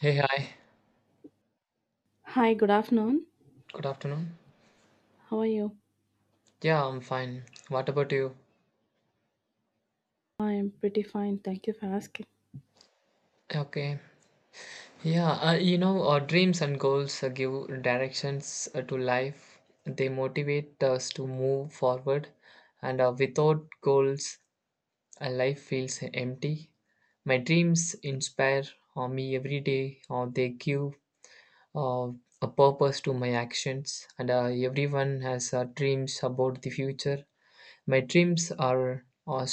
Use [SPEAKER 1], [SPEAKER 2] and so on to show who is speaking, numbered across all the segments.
[SPEAKER 1] Hey, hi.
[SPEAKER 2] Hi, good afternoon.
[SPEAKER 1] Good afternoon.
[SPEAKER 2] How are you?
[SPEAKER 1] Yeah, I'm fine. What about you?
[SPEAKER 2] I'm pretty fine. Thank you for asking.
[SPEAKER 1] Okay. Yeah, our dreams and goals give directions to life. They motivate us to move forward, and without goals, life feels empty. My dreams inspire me every day, or they give uh, a purpose to my actions. And everyone has dreams about the future. My dreams are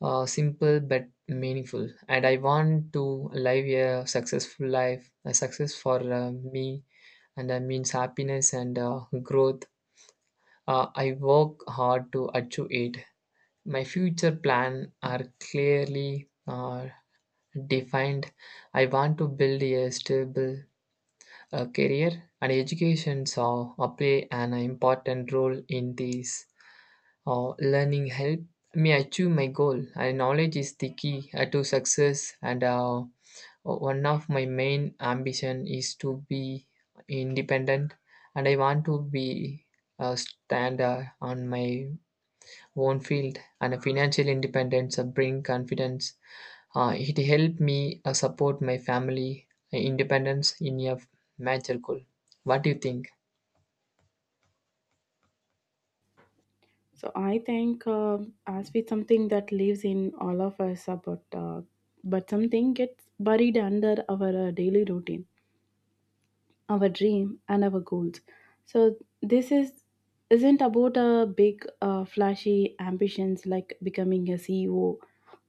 [SPEAKER 1] simple but meaningful, and I want to live a successful life, a success for me, and that means happiness and growth. I work hard to achieve it. My future plan are clearly defined. I want to build a stable career, and education so play an important role in this. Learning help me achieve my goal, and knowledge is the key to success. And One of my main ambition is to be independent, and I want to be a standard on my own field. And a financial independence bring confidence. It helped me support my family. Independence in a major goal. What do you think?
[SPEAKER 2] I think as with something that lives in all of us, about but something gets buried under our daily routine, our dream, and our goals. So, this is isn't about a big, flashy ambitions like becoming a CEO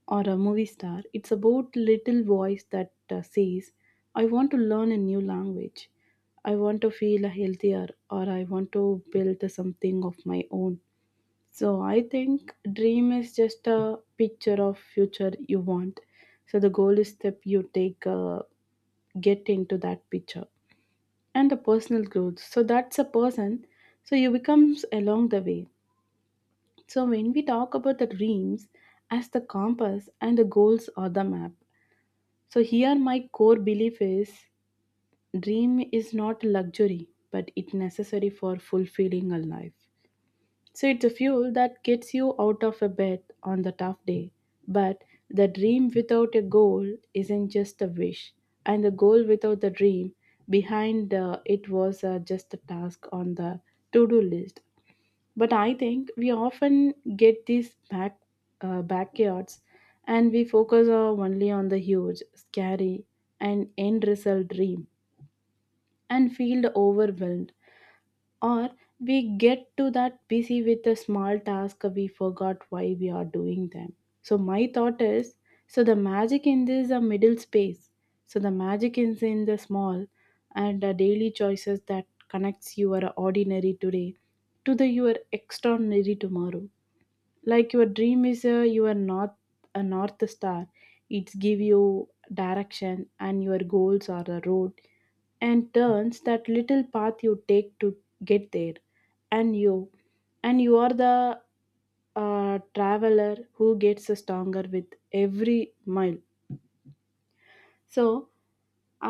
[SPEAKER 2] or a movie star. It's about little voice that says, I want to learn a new language. I want to feel healthier or I want to build something of my own. So I think dream is just a picture of future you want. So the goal is step you take get into that picture and the personal growth. So that's a person. So you becomes along the way. So when we talk about the dreams as the compass and the goals or the map, so here my core belief is dream is not luxury but it necessary for fulfilling a life. So it's a fuel that gets you out of a bed on the tough day. But the dream without a goal isn't just a wish, and the goal without the dream behind it was just a task on the to-do list. But I think we often get these back backyards, and we focus only on the huge scary and end result dream and feel overwhelmed, or we get to that busy with a small task we forgot why we are doing them. So my thought is, so the magic in this is a middle space. So the magic is in the small and the daily choices that connects your ordinary today to the your extraordinary tomorrow. Like your dream is your north, a north star. It's give you direction, and your goals are the road and turns that little path you take to get there. And you and you are the traveler who gets stronger with every mile. So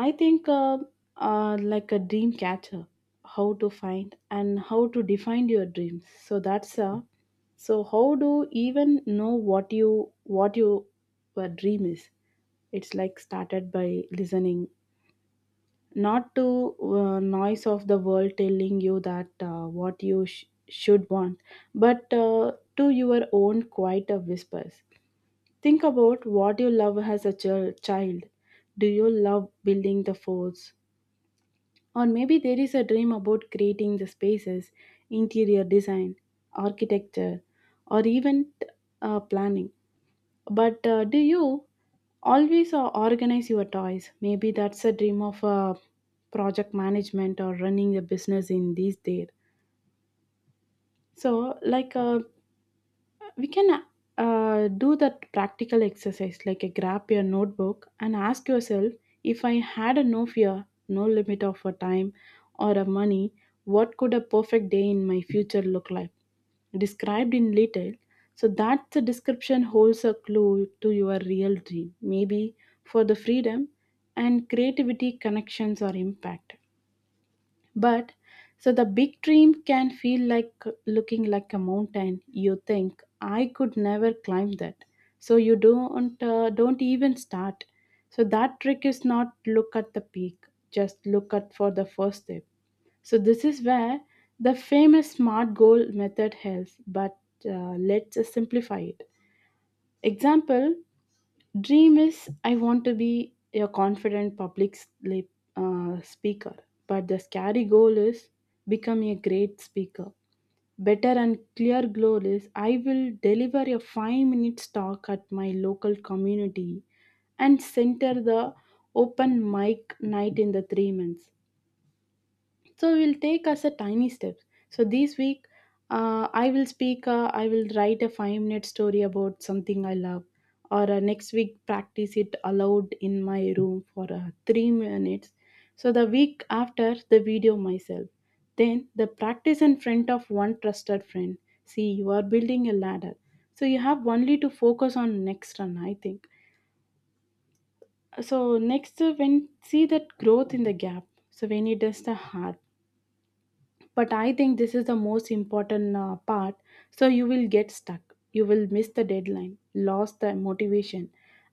[SPEAKER 2] I think like a dream catcher, how to find and how to define your dreams, so that's so how do you even know what you your dream is? It's like started by listening, not to noise of the world telling you that what you should want, but to your own quiet whispers. Think about what you love as a child. Do you love building the forts? Or maybe there is a dream about creating the spaces, interior design, architecture, or even planning. But do you always organize your toys? Maybe that's a dream of project management or running a business in these days. So, like, we can do that practical exercise like a grab your notebook and ask yourself, if I had a no fear, no limit of a time or a money, what could a perfect day in my future look like? Described in detail. So that the description holds a clue to your real dream, maybe for the freedom and creativity, connections, or impact. But so the big dream can feel like looking like a mountain. You think I could never climb that, so you don't even start. So that trick is not look at the peak, just look at for the first step. So this is where the famous SMART goal method helps, but let's simplify it. Example dream is I want to be a confident public speaker, but the scary goal is become a great speaker. Better and clear goal is I will deliver a 5 minutes talk at my local community and center the open mic night in the 3 months. So we'll take us a tiny steps. So this week, I will speak. I will write a 5-minute story about something I love, or next week practice it aloud in my room for 3 minutes. So the week after, the video myself. Then the practice in front of one trusted friend. See, you are building a ladder, so you have only to focus on next run. I think so. Next, when see that growth in the gap. So when it does the hard, but I think this is the most important part. So you will get stuck, you will miss the deadline, lost the motivation,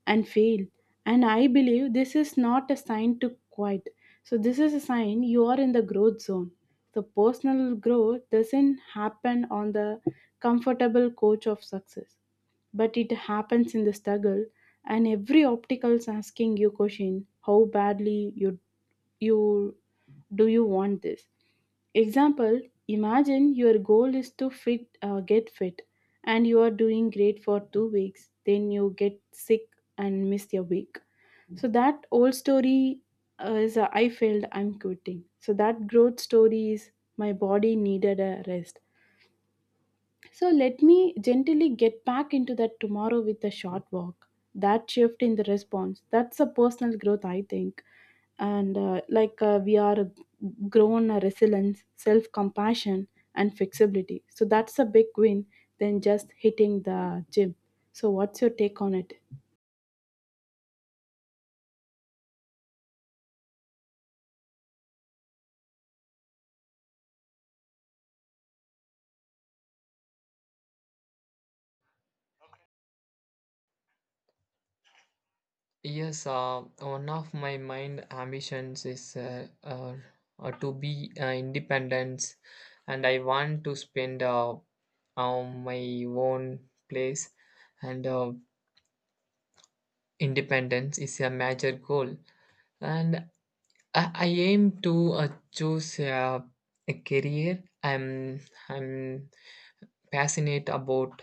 [SPEAKER 2] and fail. And I believe this is not a sign to quit. So this is a sign you are in the growth zone. So personal growth doesn't happen on the comfortable couch of success, but it happens in the struggle. And every obstacle is asking you question, how badly you you do you want this? Example, imagine your goal is to fit get fit, and you are doing great for 2 weeks, then you get sick and miss your week. So that old story is I failed, I'm quitting. So that growth story is my body needed a rest, so let me gently get back into that tomorrow with a short walk. That shift in the response, that's a personal growth, I think. And like we are grown a resilience, self compassion, and flexibility. So that's a big win than just hitting the gym. So, what's your take on it?
[SPEAKER 1] Yes, One of my mind ambitions is to be independent, and I want to spend on my own place. And independence is a major goal, and I aim to choose a career. I'm passionate about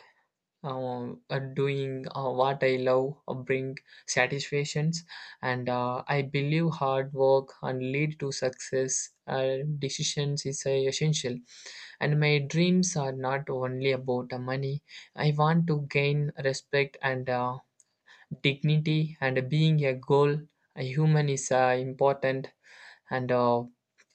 [SPEAKER 1] doing what I love. Bring satisfactions, and I believe hard work and lead to success. Decisions is essential, and my dreams are not only about money. I want to gain respect and dignity, and being a goal a human is important, and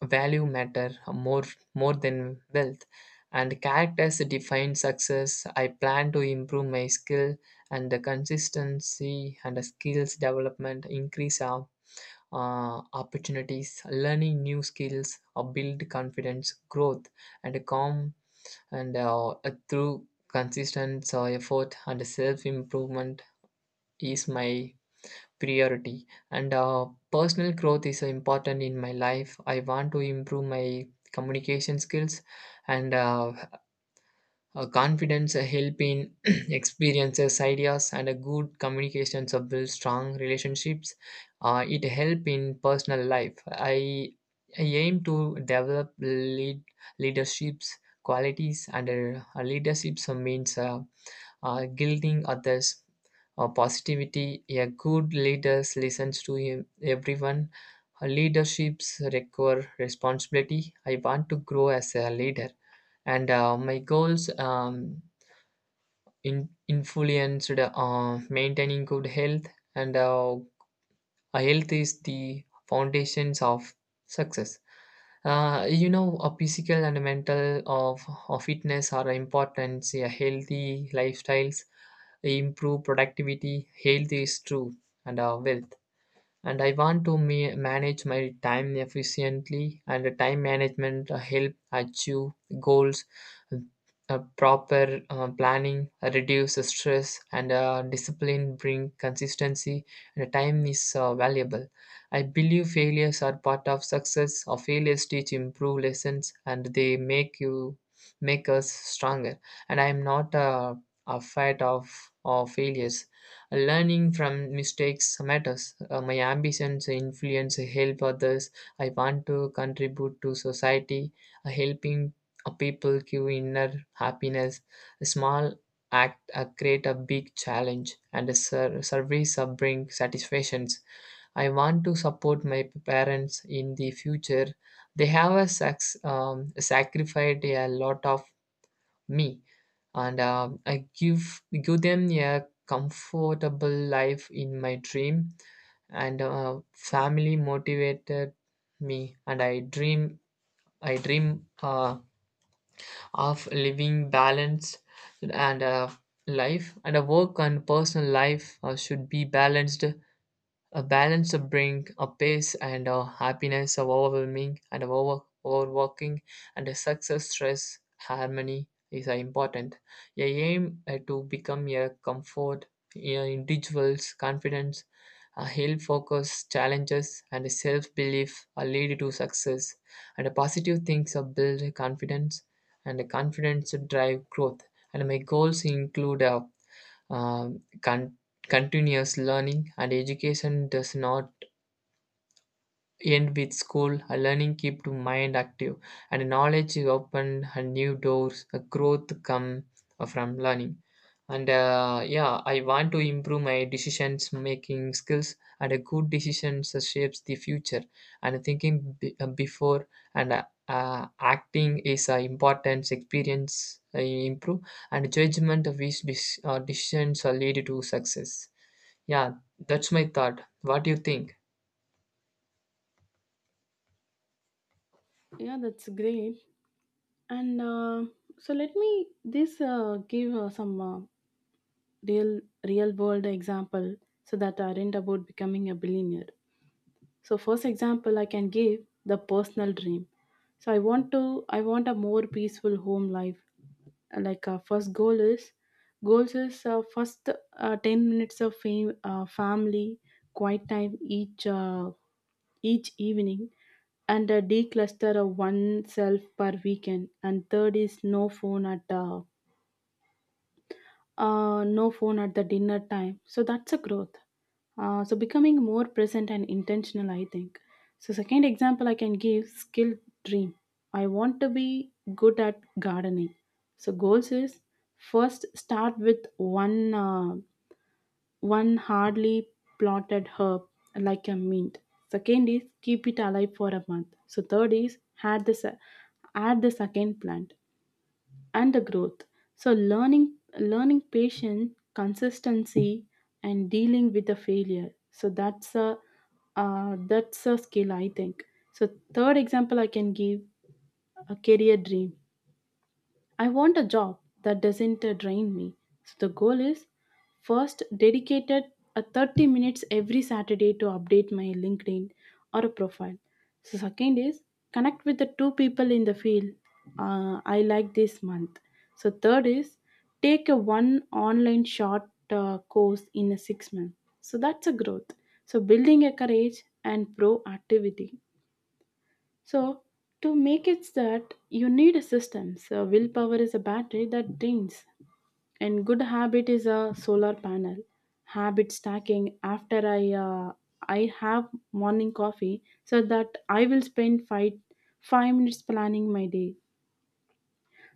[SPEAKER 1] value matter more than wealth, and characters define success. I plan to improve my skill and the consistency, and the skills development increase our opportunities. Learning new skills or build confidence, growth, and calm, and through consistent effort and self improvement is my priority. And personal growth is important in my life. I want to improve my communication skills, and confidence help in experiences, ideas, and a good communications of build strong relationships. It help in personal life. I aim to develop leaderships qualities, and leaderships means guilting others. Positivity, a good leader listens to him, everyone. Leaderships require responsibility. I want to grow as a leader, and my goals in, influenced maintaining good health, and health is the foundations of success. A physical and mental of fitness are important. A healthy lifestyles improve productivity. Health is true and wealth. And I want to manage my time efficiently, and the time management help achieve goals. Proper planning reduce the stress, and discipline bring consistency, and the time is valuable. I believe failures are part of success, or failures teach improve lessons, and they make you make us stronger, and I am not afraid of failures. Learning from mistakes matters. My ambitions influence help others. I want to contribute to society, helping people give inner happiness. A small act create a big challenge, and a service bring satisfactions. I want to support my parents in the future. They have a sacrificed a lot of me, and I give them a comfortable life in my dream, and family motivated me, and I dream of living balanced and life, and a work and personal life should be balanced. A balance of bring a pace and a happiness of overwhelming and of overworking and a success stress harmony is important. A aim to become a comfort, a individual's confidence, a health focus, challenges and self belief are lead to success. And a positive things are build confidence, and a confidence drive growth. And my goals include a um, con- continuous learning, and education does not end with school. A learning keep to mind active, and knowledge is opened and new doors. A growth come from learning. And yeah, I want to improve my decisions making skills, and a good decisions shapes the future. And thinking before and acting is an important experience. I improve and judgment of which decisions are lead to success. Yeah, that's my thought. What do you think?
[SPEAKER 2] Yeah, that's great. And so let me this give some real real world example so that aren't about becoming a billionaire. So first example I can give the personal dream. So I want a more peaceful home life. Like first goal is goals is first 10 minutes of family quiet time each uh, each evening, and a decluster of oneself per weekend, and third is no phone at all, no phone at the dinner time. So that's a growth. So becoming more present and intentional, I think. So second example I can give skill dream. I want to be good at gardening. So goals is first start with one hardly plotted herb like a mint. Second is keep it alive for a month. So third is add the second plant and the growth. So learning patience, consistency, and dealing with the failure. So that's a skill I think. So third example I can give a career dream. I want a job that doesn't drain me. So the goal is first dedicated a 30 minutes every Saturday to update my LinkedIn or a profile. So second is connect with the two people in the field I like this month. So third is take a one online short course in a 6 month. So that's a growth. So building a courage and proactivity. So to make it that you need a system. So willpower is a battery that drains, and good habit is a solar panel. Habit stacking. After I have morning coffee, so that I will spend five minutes planning my day.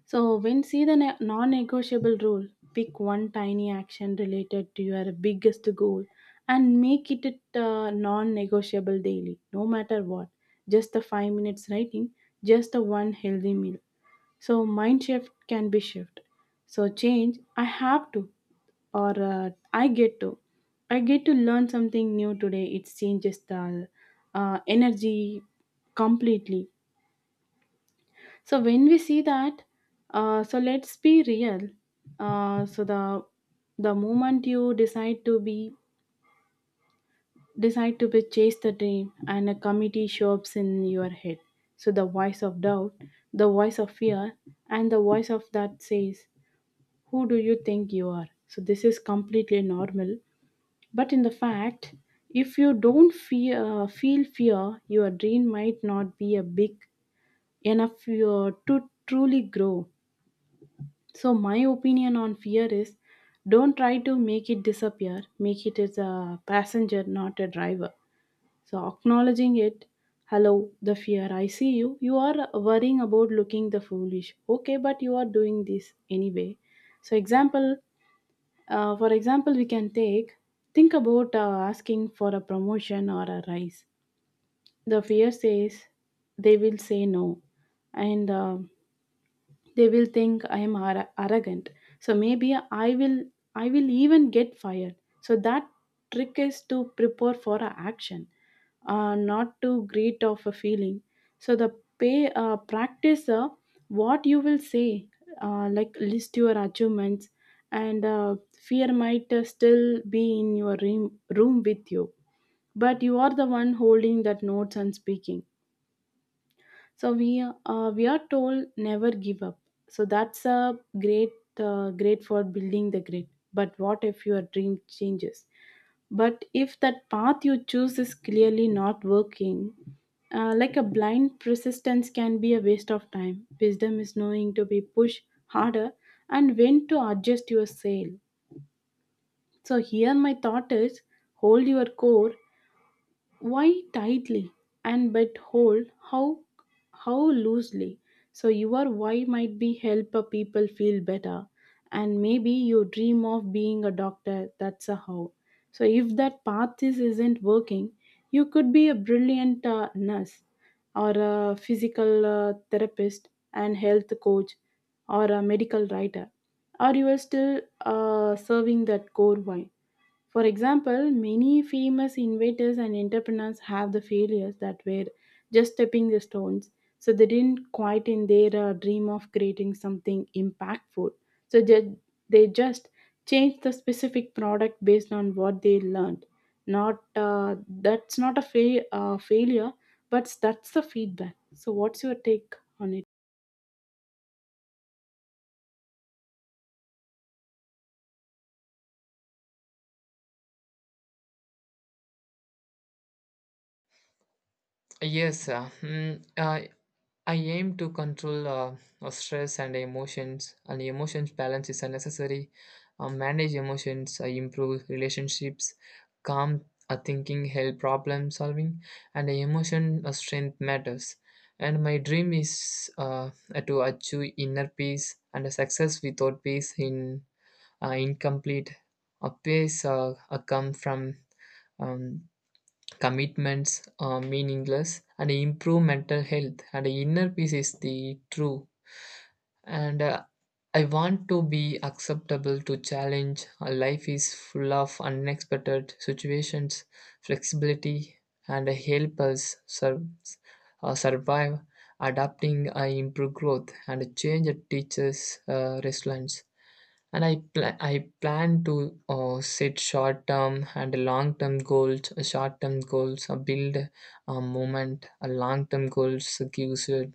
[SPEAKER 2] So, when see the non negotiable rule, pick one tiny action related to your biggest goal and make it a non negotiable daily, no matter what. Just the 5 minutes writing, just the one healthy meal. So, mind shift can be shift. So, change, I have to, or I get to. I get to learn something new today. It changes the energy completely. So when we see that, so let's be real. So the moment you decide to be chase the dream, and a committee shows in your head. So the voice of doubt, the voice of fear, and the voice of that says, "Who do you think you are?" So this is completely normal. But in the fact, if you don't fear, feel fear, your dream might not be a big enough to truly grow. So my opinion on fear is don't try to make it disappear. Make it as a passenger, not a driver. So acknowledging it, hello, the fear, I see you. You are worrying about looking the foolish. Okay, but you are doing this anyway. So for example, we can take think about asking for a promotion or a rise. The fear says they will say no, and they will think I am arrogant. So maybe I will even get fired. So that trick is to prepare for a action, not to greet off a feeling. So the pay practice what you will say, like list your achievements, and fear might still be in your room with you, but you are the one holding that notes and speaking. So we are told never give up. So that's a great great for building the grid. But what if your dream changes? But if that path you choose is clearly not working, like a blind persistence can be a waste of time. Wisdom is knowing to be pushed harder and when to adjust your sail. So here my thought is hold your core why tightly and but hold how how loosely? So your why might be help a people feel better, and maybe you dream of being a doctor, that's a how. So if that path is isn't working, you could be a brilliant nurse or a physical therapist and health coach, or a medical writer, or you are still serving that core why. For example, many famous inventors and entrepreneurs have the failures that were just stepping the stones. So they didn't quite in their dream of creating something impactful. So they just changed the specific product based on what they learned. Not That's not a failure, but that's the feedback. So what's your take on it?
[SPEAKER 1] Yes, uh, mm, I I aim to control stress and emotions balance is unnecessary. Manage emotions, improve relationships, calm thinking, help problem solving, and emotion strength matters. And my dream is to achieve inner peace, and success without peace in incomplete. A peace come from um, commitments are meaningless and improve mental health, and inner peace is the true. And I want to be acceptable to challenge. Life is full of unexpected situations. Flexibility and help us survive. Adapting improve growth, and change teaches resilience. And I plan to set short term and long term goals. Short term goals build a moment. A long term goals gives you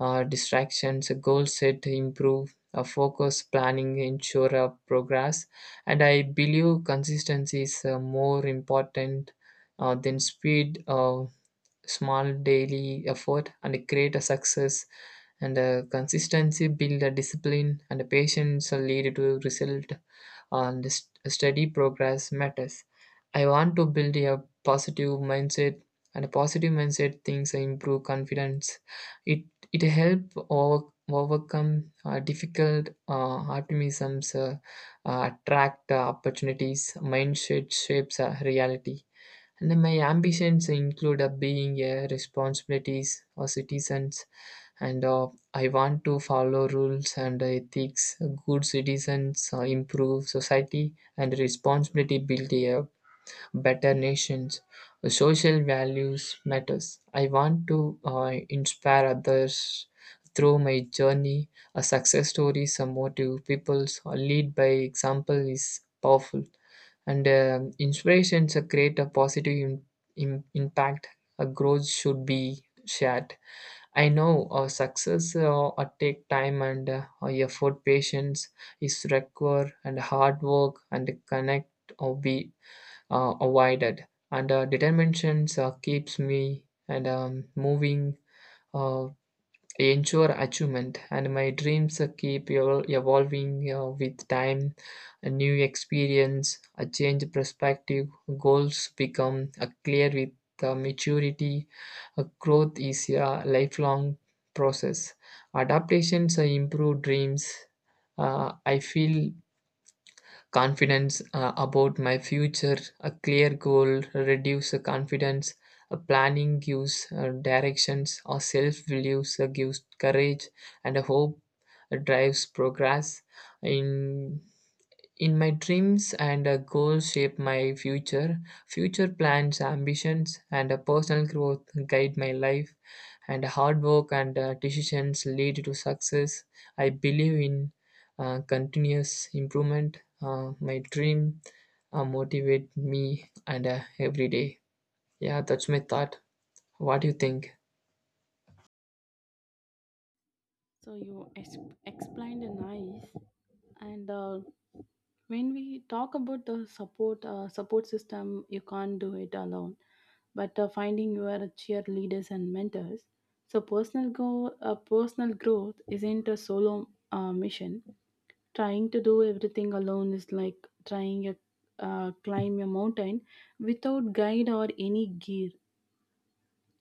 [SPEAKER 1] distractions. A goal set improve. A focus planning ensure a progress. And I believe consistency is more important than speed. Small daily effort and create a success, and a consistency build a discipline, and a patience will lead to result, and this steady progress matters. I want to build a positive mindset, and a positive mindset things improve confidence. It it help overcome difficult optimisms attract opportunities. Mindset shapes reality. And my ambitions include being a responsibilities or citizens, and I want to follow rules and ethics. Good citizens improve society, and responsibility build a better nations. Social values matters. I want to inspire others through my journey. A success stories, a motive, people's or lead by example is powerful, and inspirations create a positive impact. A growth should be shared. I know success take time and effort. Patience is required, and hard work and connect or be avoided. And determination keeps me and moving. Uh, Ensure achievement, and my dreams keep evolving with time. A new experience, a change perspective, goals become clear with maturity. Growth is a lifelong process. Adaptations improve dreams. I feel confidence about my future. A clear goal reduce the confidence, a planning gives directions, or self beliefs gives courage, and a hope drives progress in in my dreams, and goals shape my future. Future plans, ambitions, and personal growth guide my life, and hard work and decisions lead to success. I believe in continuous improvement. My dream motivate me and every day. Yeah, that's my thought. What do you think?
[SPEAKER 2] So you explained nice. And when we talk about the support support system, you can't do it alone, but finding your cheerleaders and mentors, so personal growth isn't a solo mission. Trying to do everything alone is like trying a climb a mountain without guide or any gear,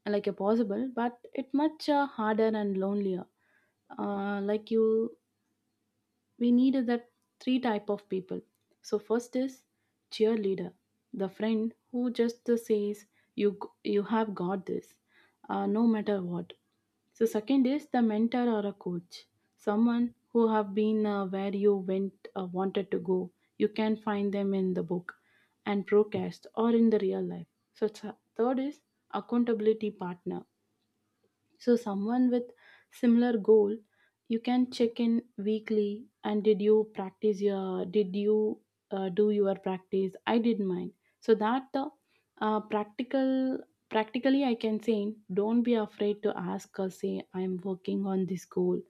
[SPEAKER 2] like a possible but it much harder and lonelier. Like you, we needed that three type of people. So first is cheerleader, the friend who just says, you you have got this, no matter what. So second is the mentor or a coach, someone who have been where you went, wanted to go. You can find them in the book and broadcast or in the real life. So third is accountability partner. So someone with similar goal, you can check in weekly. And did you practice your? Did you do your practice? I did mine. So that practical, practically, I can say, don't be afraid to ask or say, I'm working on this goal.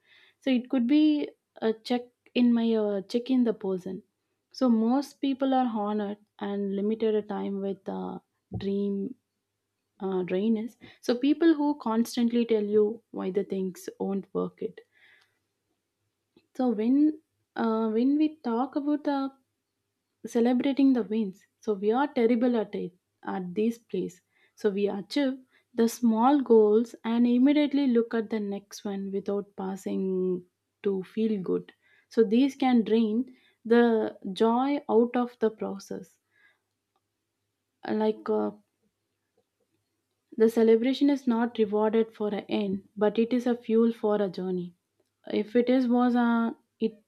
[SPEAKER 2] So it could be a check in my check in the person. So most people are honored and limited a time with dream drain is. So people who constantly tell you why the things won't work it. So when we talk about the celebrating the wins, so we are terrible at it at this place. So we achieve the small goals and immediately look at the next one without passing to feel good. So these can drain the joy out of the process. Like uh, The celebration is not rewarded for an end, but it is a fuel for a journey. If it is was a it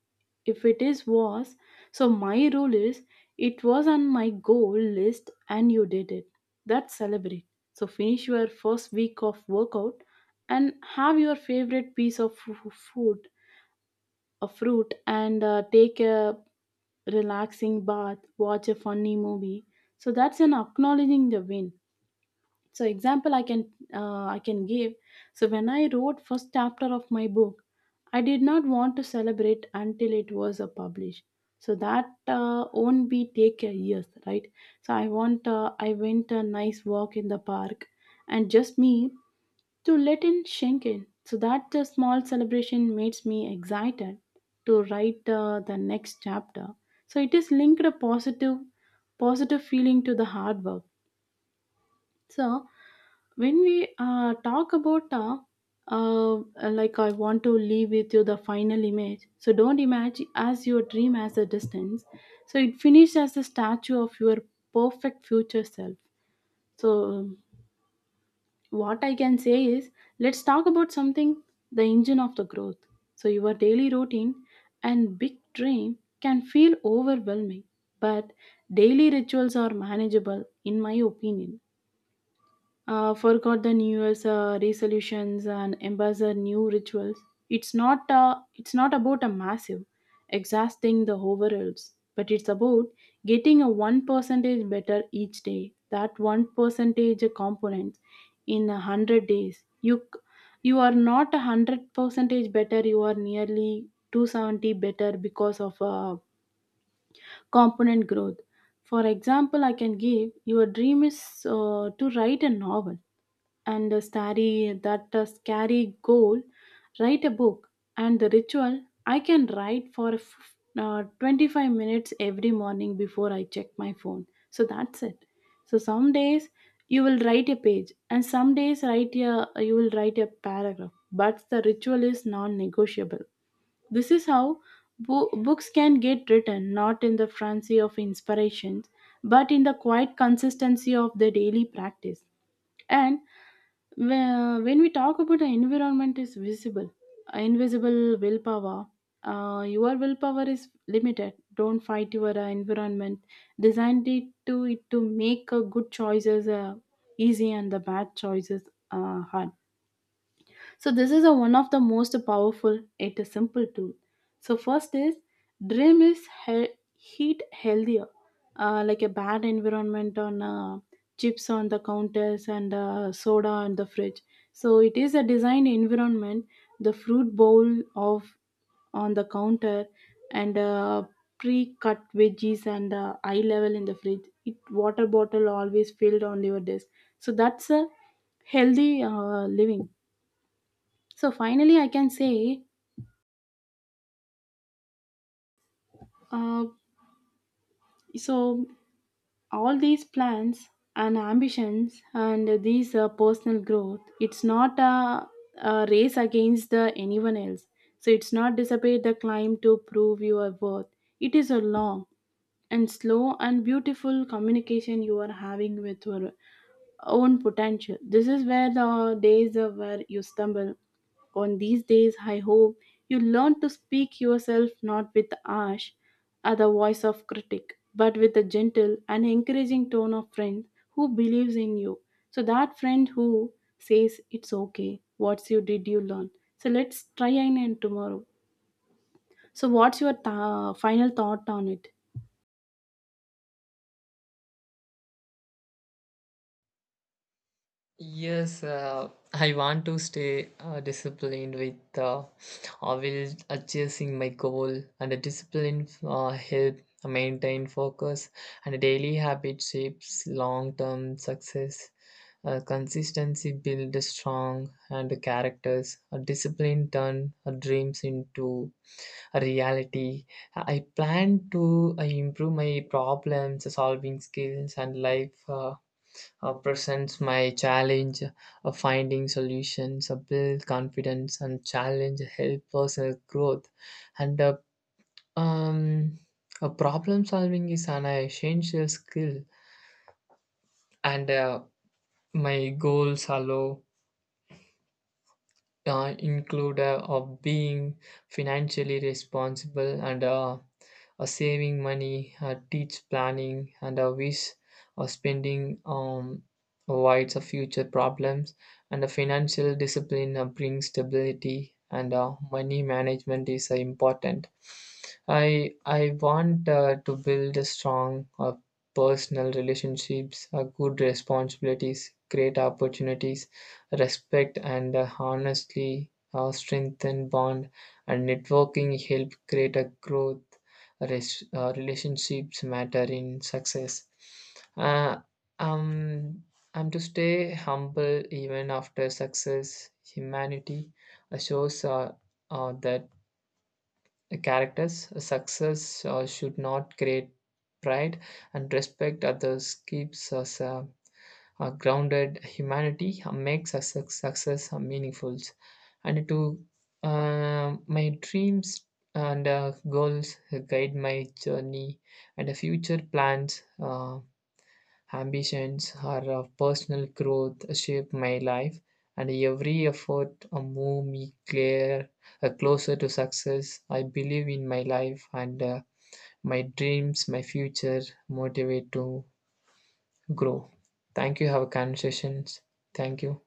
[SPEAKER 2] If it is was, so my rule is, it was on my goal list and you did it. That's celebrate. So finish your first week of workout and have your favorite piece of food, a fruit, and take a relaxing bath, watch a funny movie. So that's an acknowledging the win. So example I can give so when I wrote first chapter of my book, I did not want to celebrate until it was published. So that won't be take years, right? So I went a nice walk in the park and just me to let in schenken. So that small celebration makes me excited to write the next chapter. So it is linked a positive positive feeling to the hard work. So when we talk about uh, like I want to leave with you the final image, so don't imagine as your dream as a distance. So it finished as a statue of your perfect future self. So what I can say is, let's talk about something, the engine of the growth. So your daily routine and big dream can feel overwhelming, but daily rituals are manageable in my opinion. Forgot the new year's resolutions and embrace the new rituals. It's not about a massive exhausting the overalls, but it's about getting a 1 percentage better each day, that 1 percentage component in a 100 days. You are not a 100 percentage better, you are nearly 270 better because of component growth. For example, I can give, your dream is to write a novel, and starry that scary goal, write a book. And the ritual, I can write for 25 minutes every morning before I check my phone, so that's it. So some days you will write a page, and some days write a you will write a paragraph, but the ritual is non-negotiable. This is how books can get written, not in the frenzy of inspirations, but in the quiet consistency of the daily practice. And when we talk about the environment is visible, invisible willpower. Your willpower is limited, don't fight your environment. Designed it to make good choices easy and the bad choices hard. So this is a one of the most powerful yet a simple tool. So first is dream is heat healthier, like a bad environment on chips on the counters and soda on the fridge. So it is a design environment. The fruit bowl of on the counter and pre-cut veggies and eye level in the fridge. It water bottle always filled on your desk. So that's a healthy living. So finally, I can say, uh, so all these plans and ambitions and these personal growth, it's not a, a race against the anyone else. So it's not dissipate the climb to prove your worth. It is a long and slow and beautiful communication you are having with your own potential. This is where the days where you stumble. On these days, I hope you learn to speak yourself, not with the harsh, or the voice of critic, but with a gentle and encouraging tone of friend who believes in you. So that friend who says it's okay. What's you did you learn? So let's try again tomorrow. So what's your final thought on it?
[SPEAKER 1] Yes, I want to stay disciplined with will chasing my goal, and the discipline help maintain focus, and daily habit shapes long-term success. Consistency build strong and characters. A discipline turn dreams into a reality. I plan to improve my problems solving skills and life. Presents my challenge of finding solutions, build confidence, and challenge help personal growth. And um, problem solving is an essential skill, and my goals allow include of being financially responsible, and saving money, teach planning, and a wish spending avoids future problems. And a financial discipline brings stability, and money management is important. I want to build a strong personal relationships, good responsibilities, great opportunities, respect, and honestly strengthen bond. And networking help create a growth. Relationships matter in success. Uh, um, am to stay humble even after success. Humanity shows that characters success should not create pride, and respect others keeps us a grounded. Humanity makes a success meaningful. And to my dreams and goals guide my journey, and the future plans, ambitions, or personal growth shape my life. And every effort move me clear, closer to success. I believe in my life, and my dreams, my future motivate to grow. Thank you. Have a conversations. Thank you.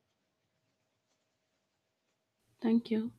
[SPEAKER 2] Thank you.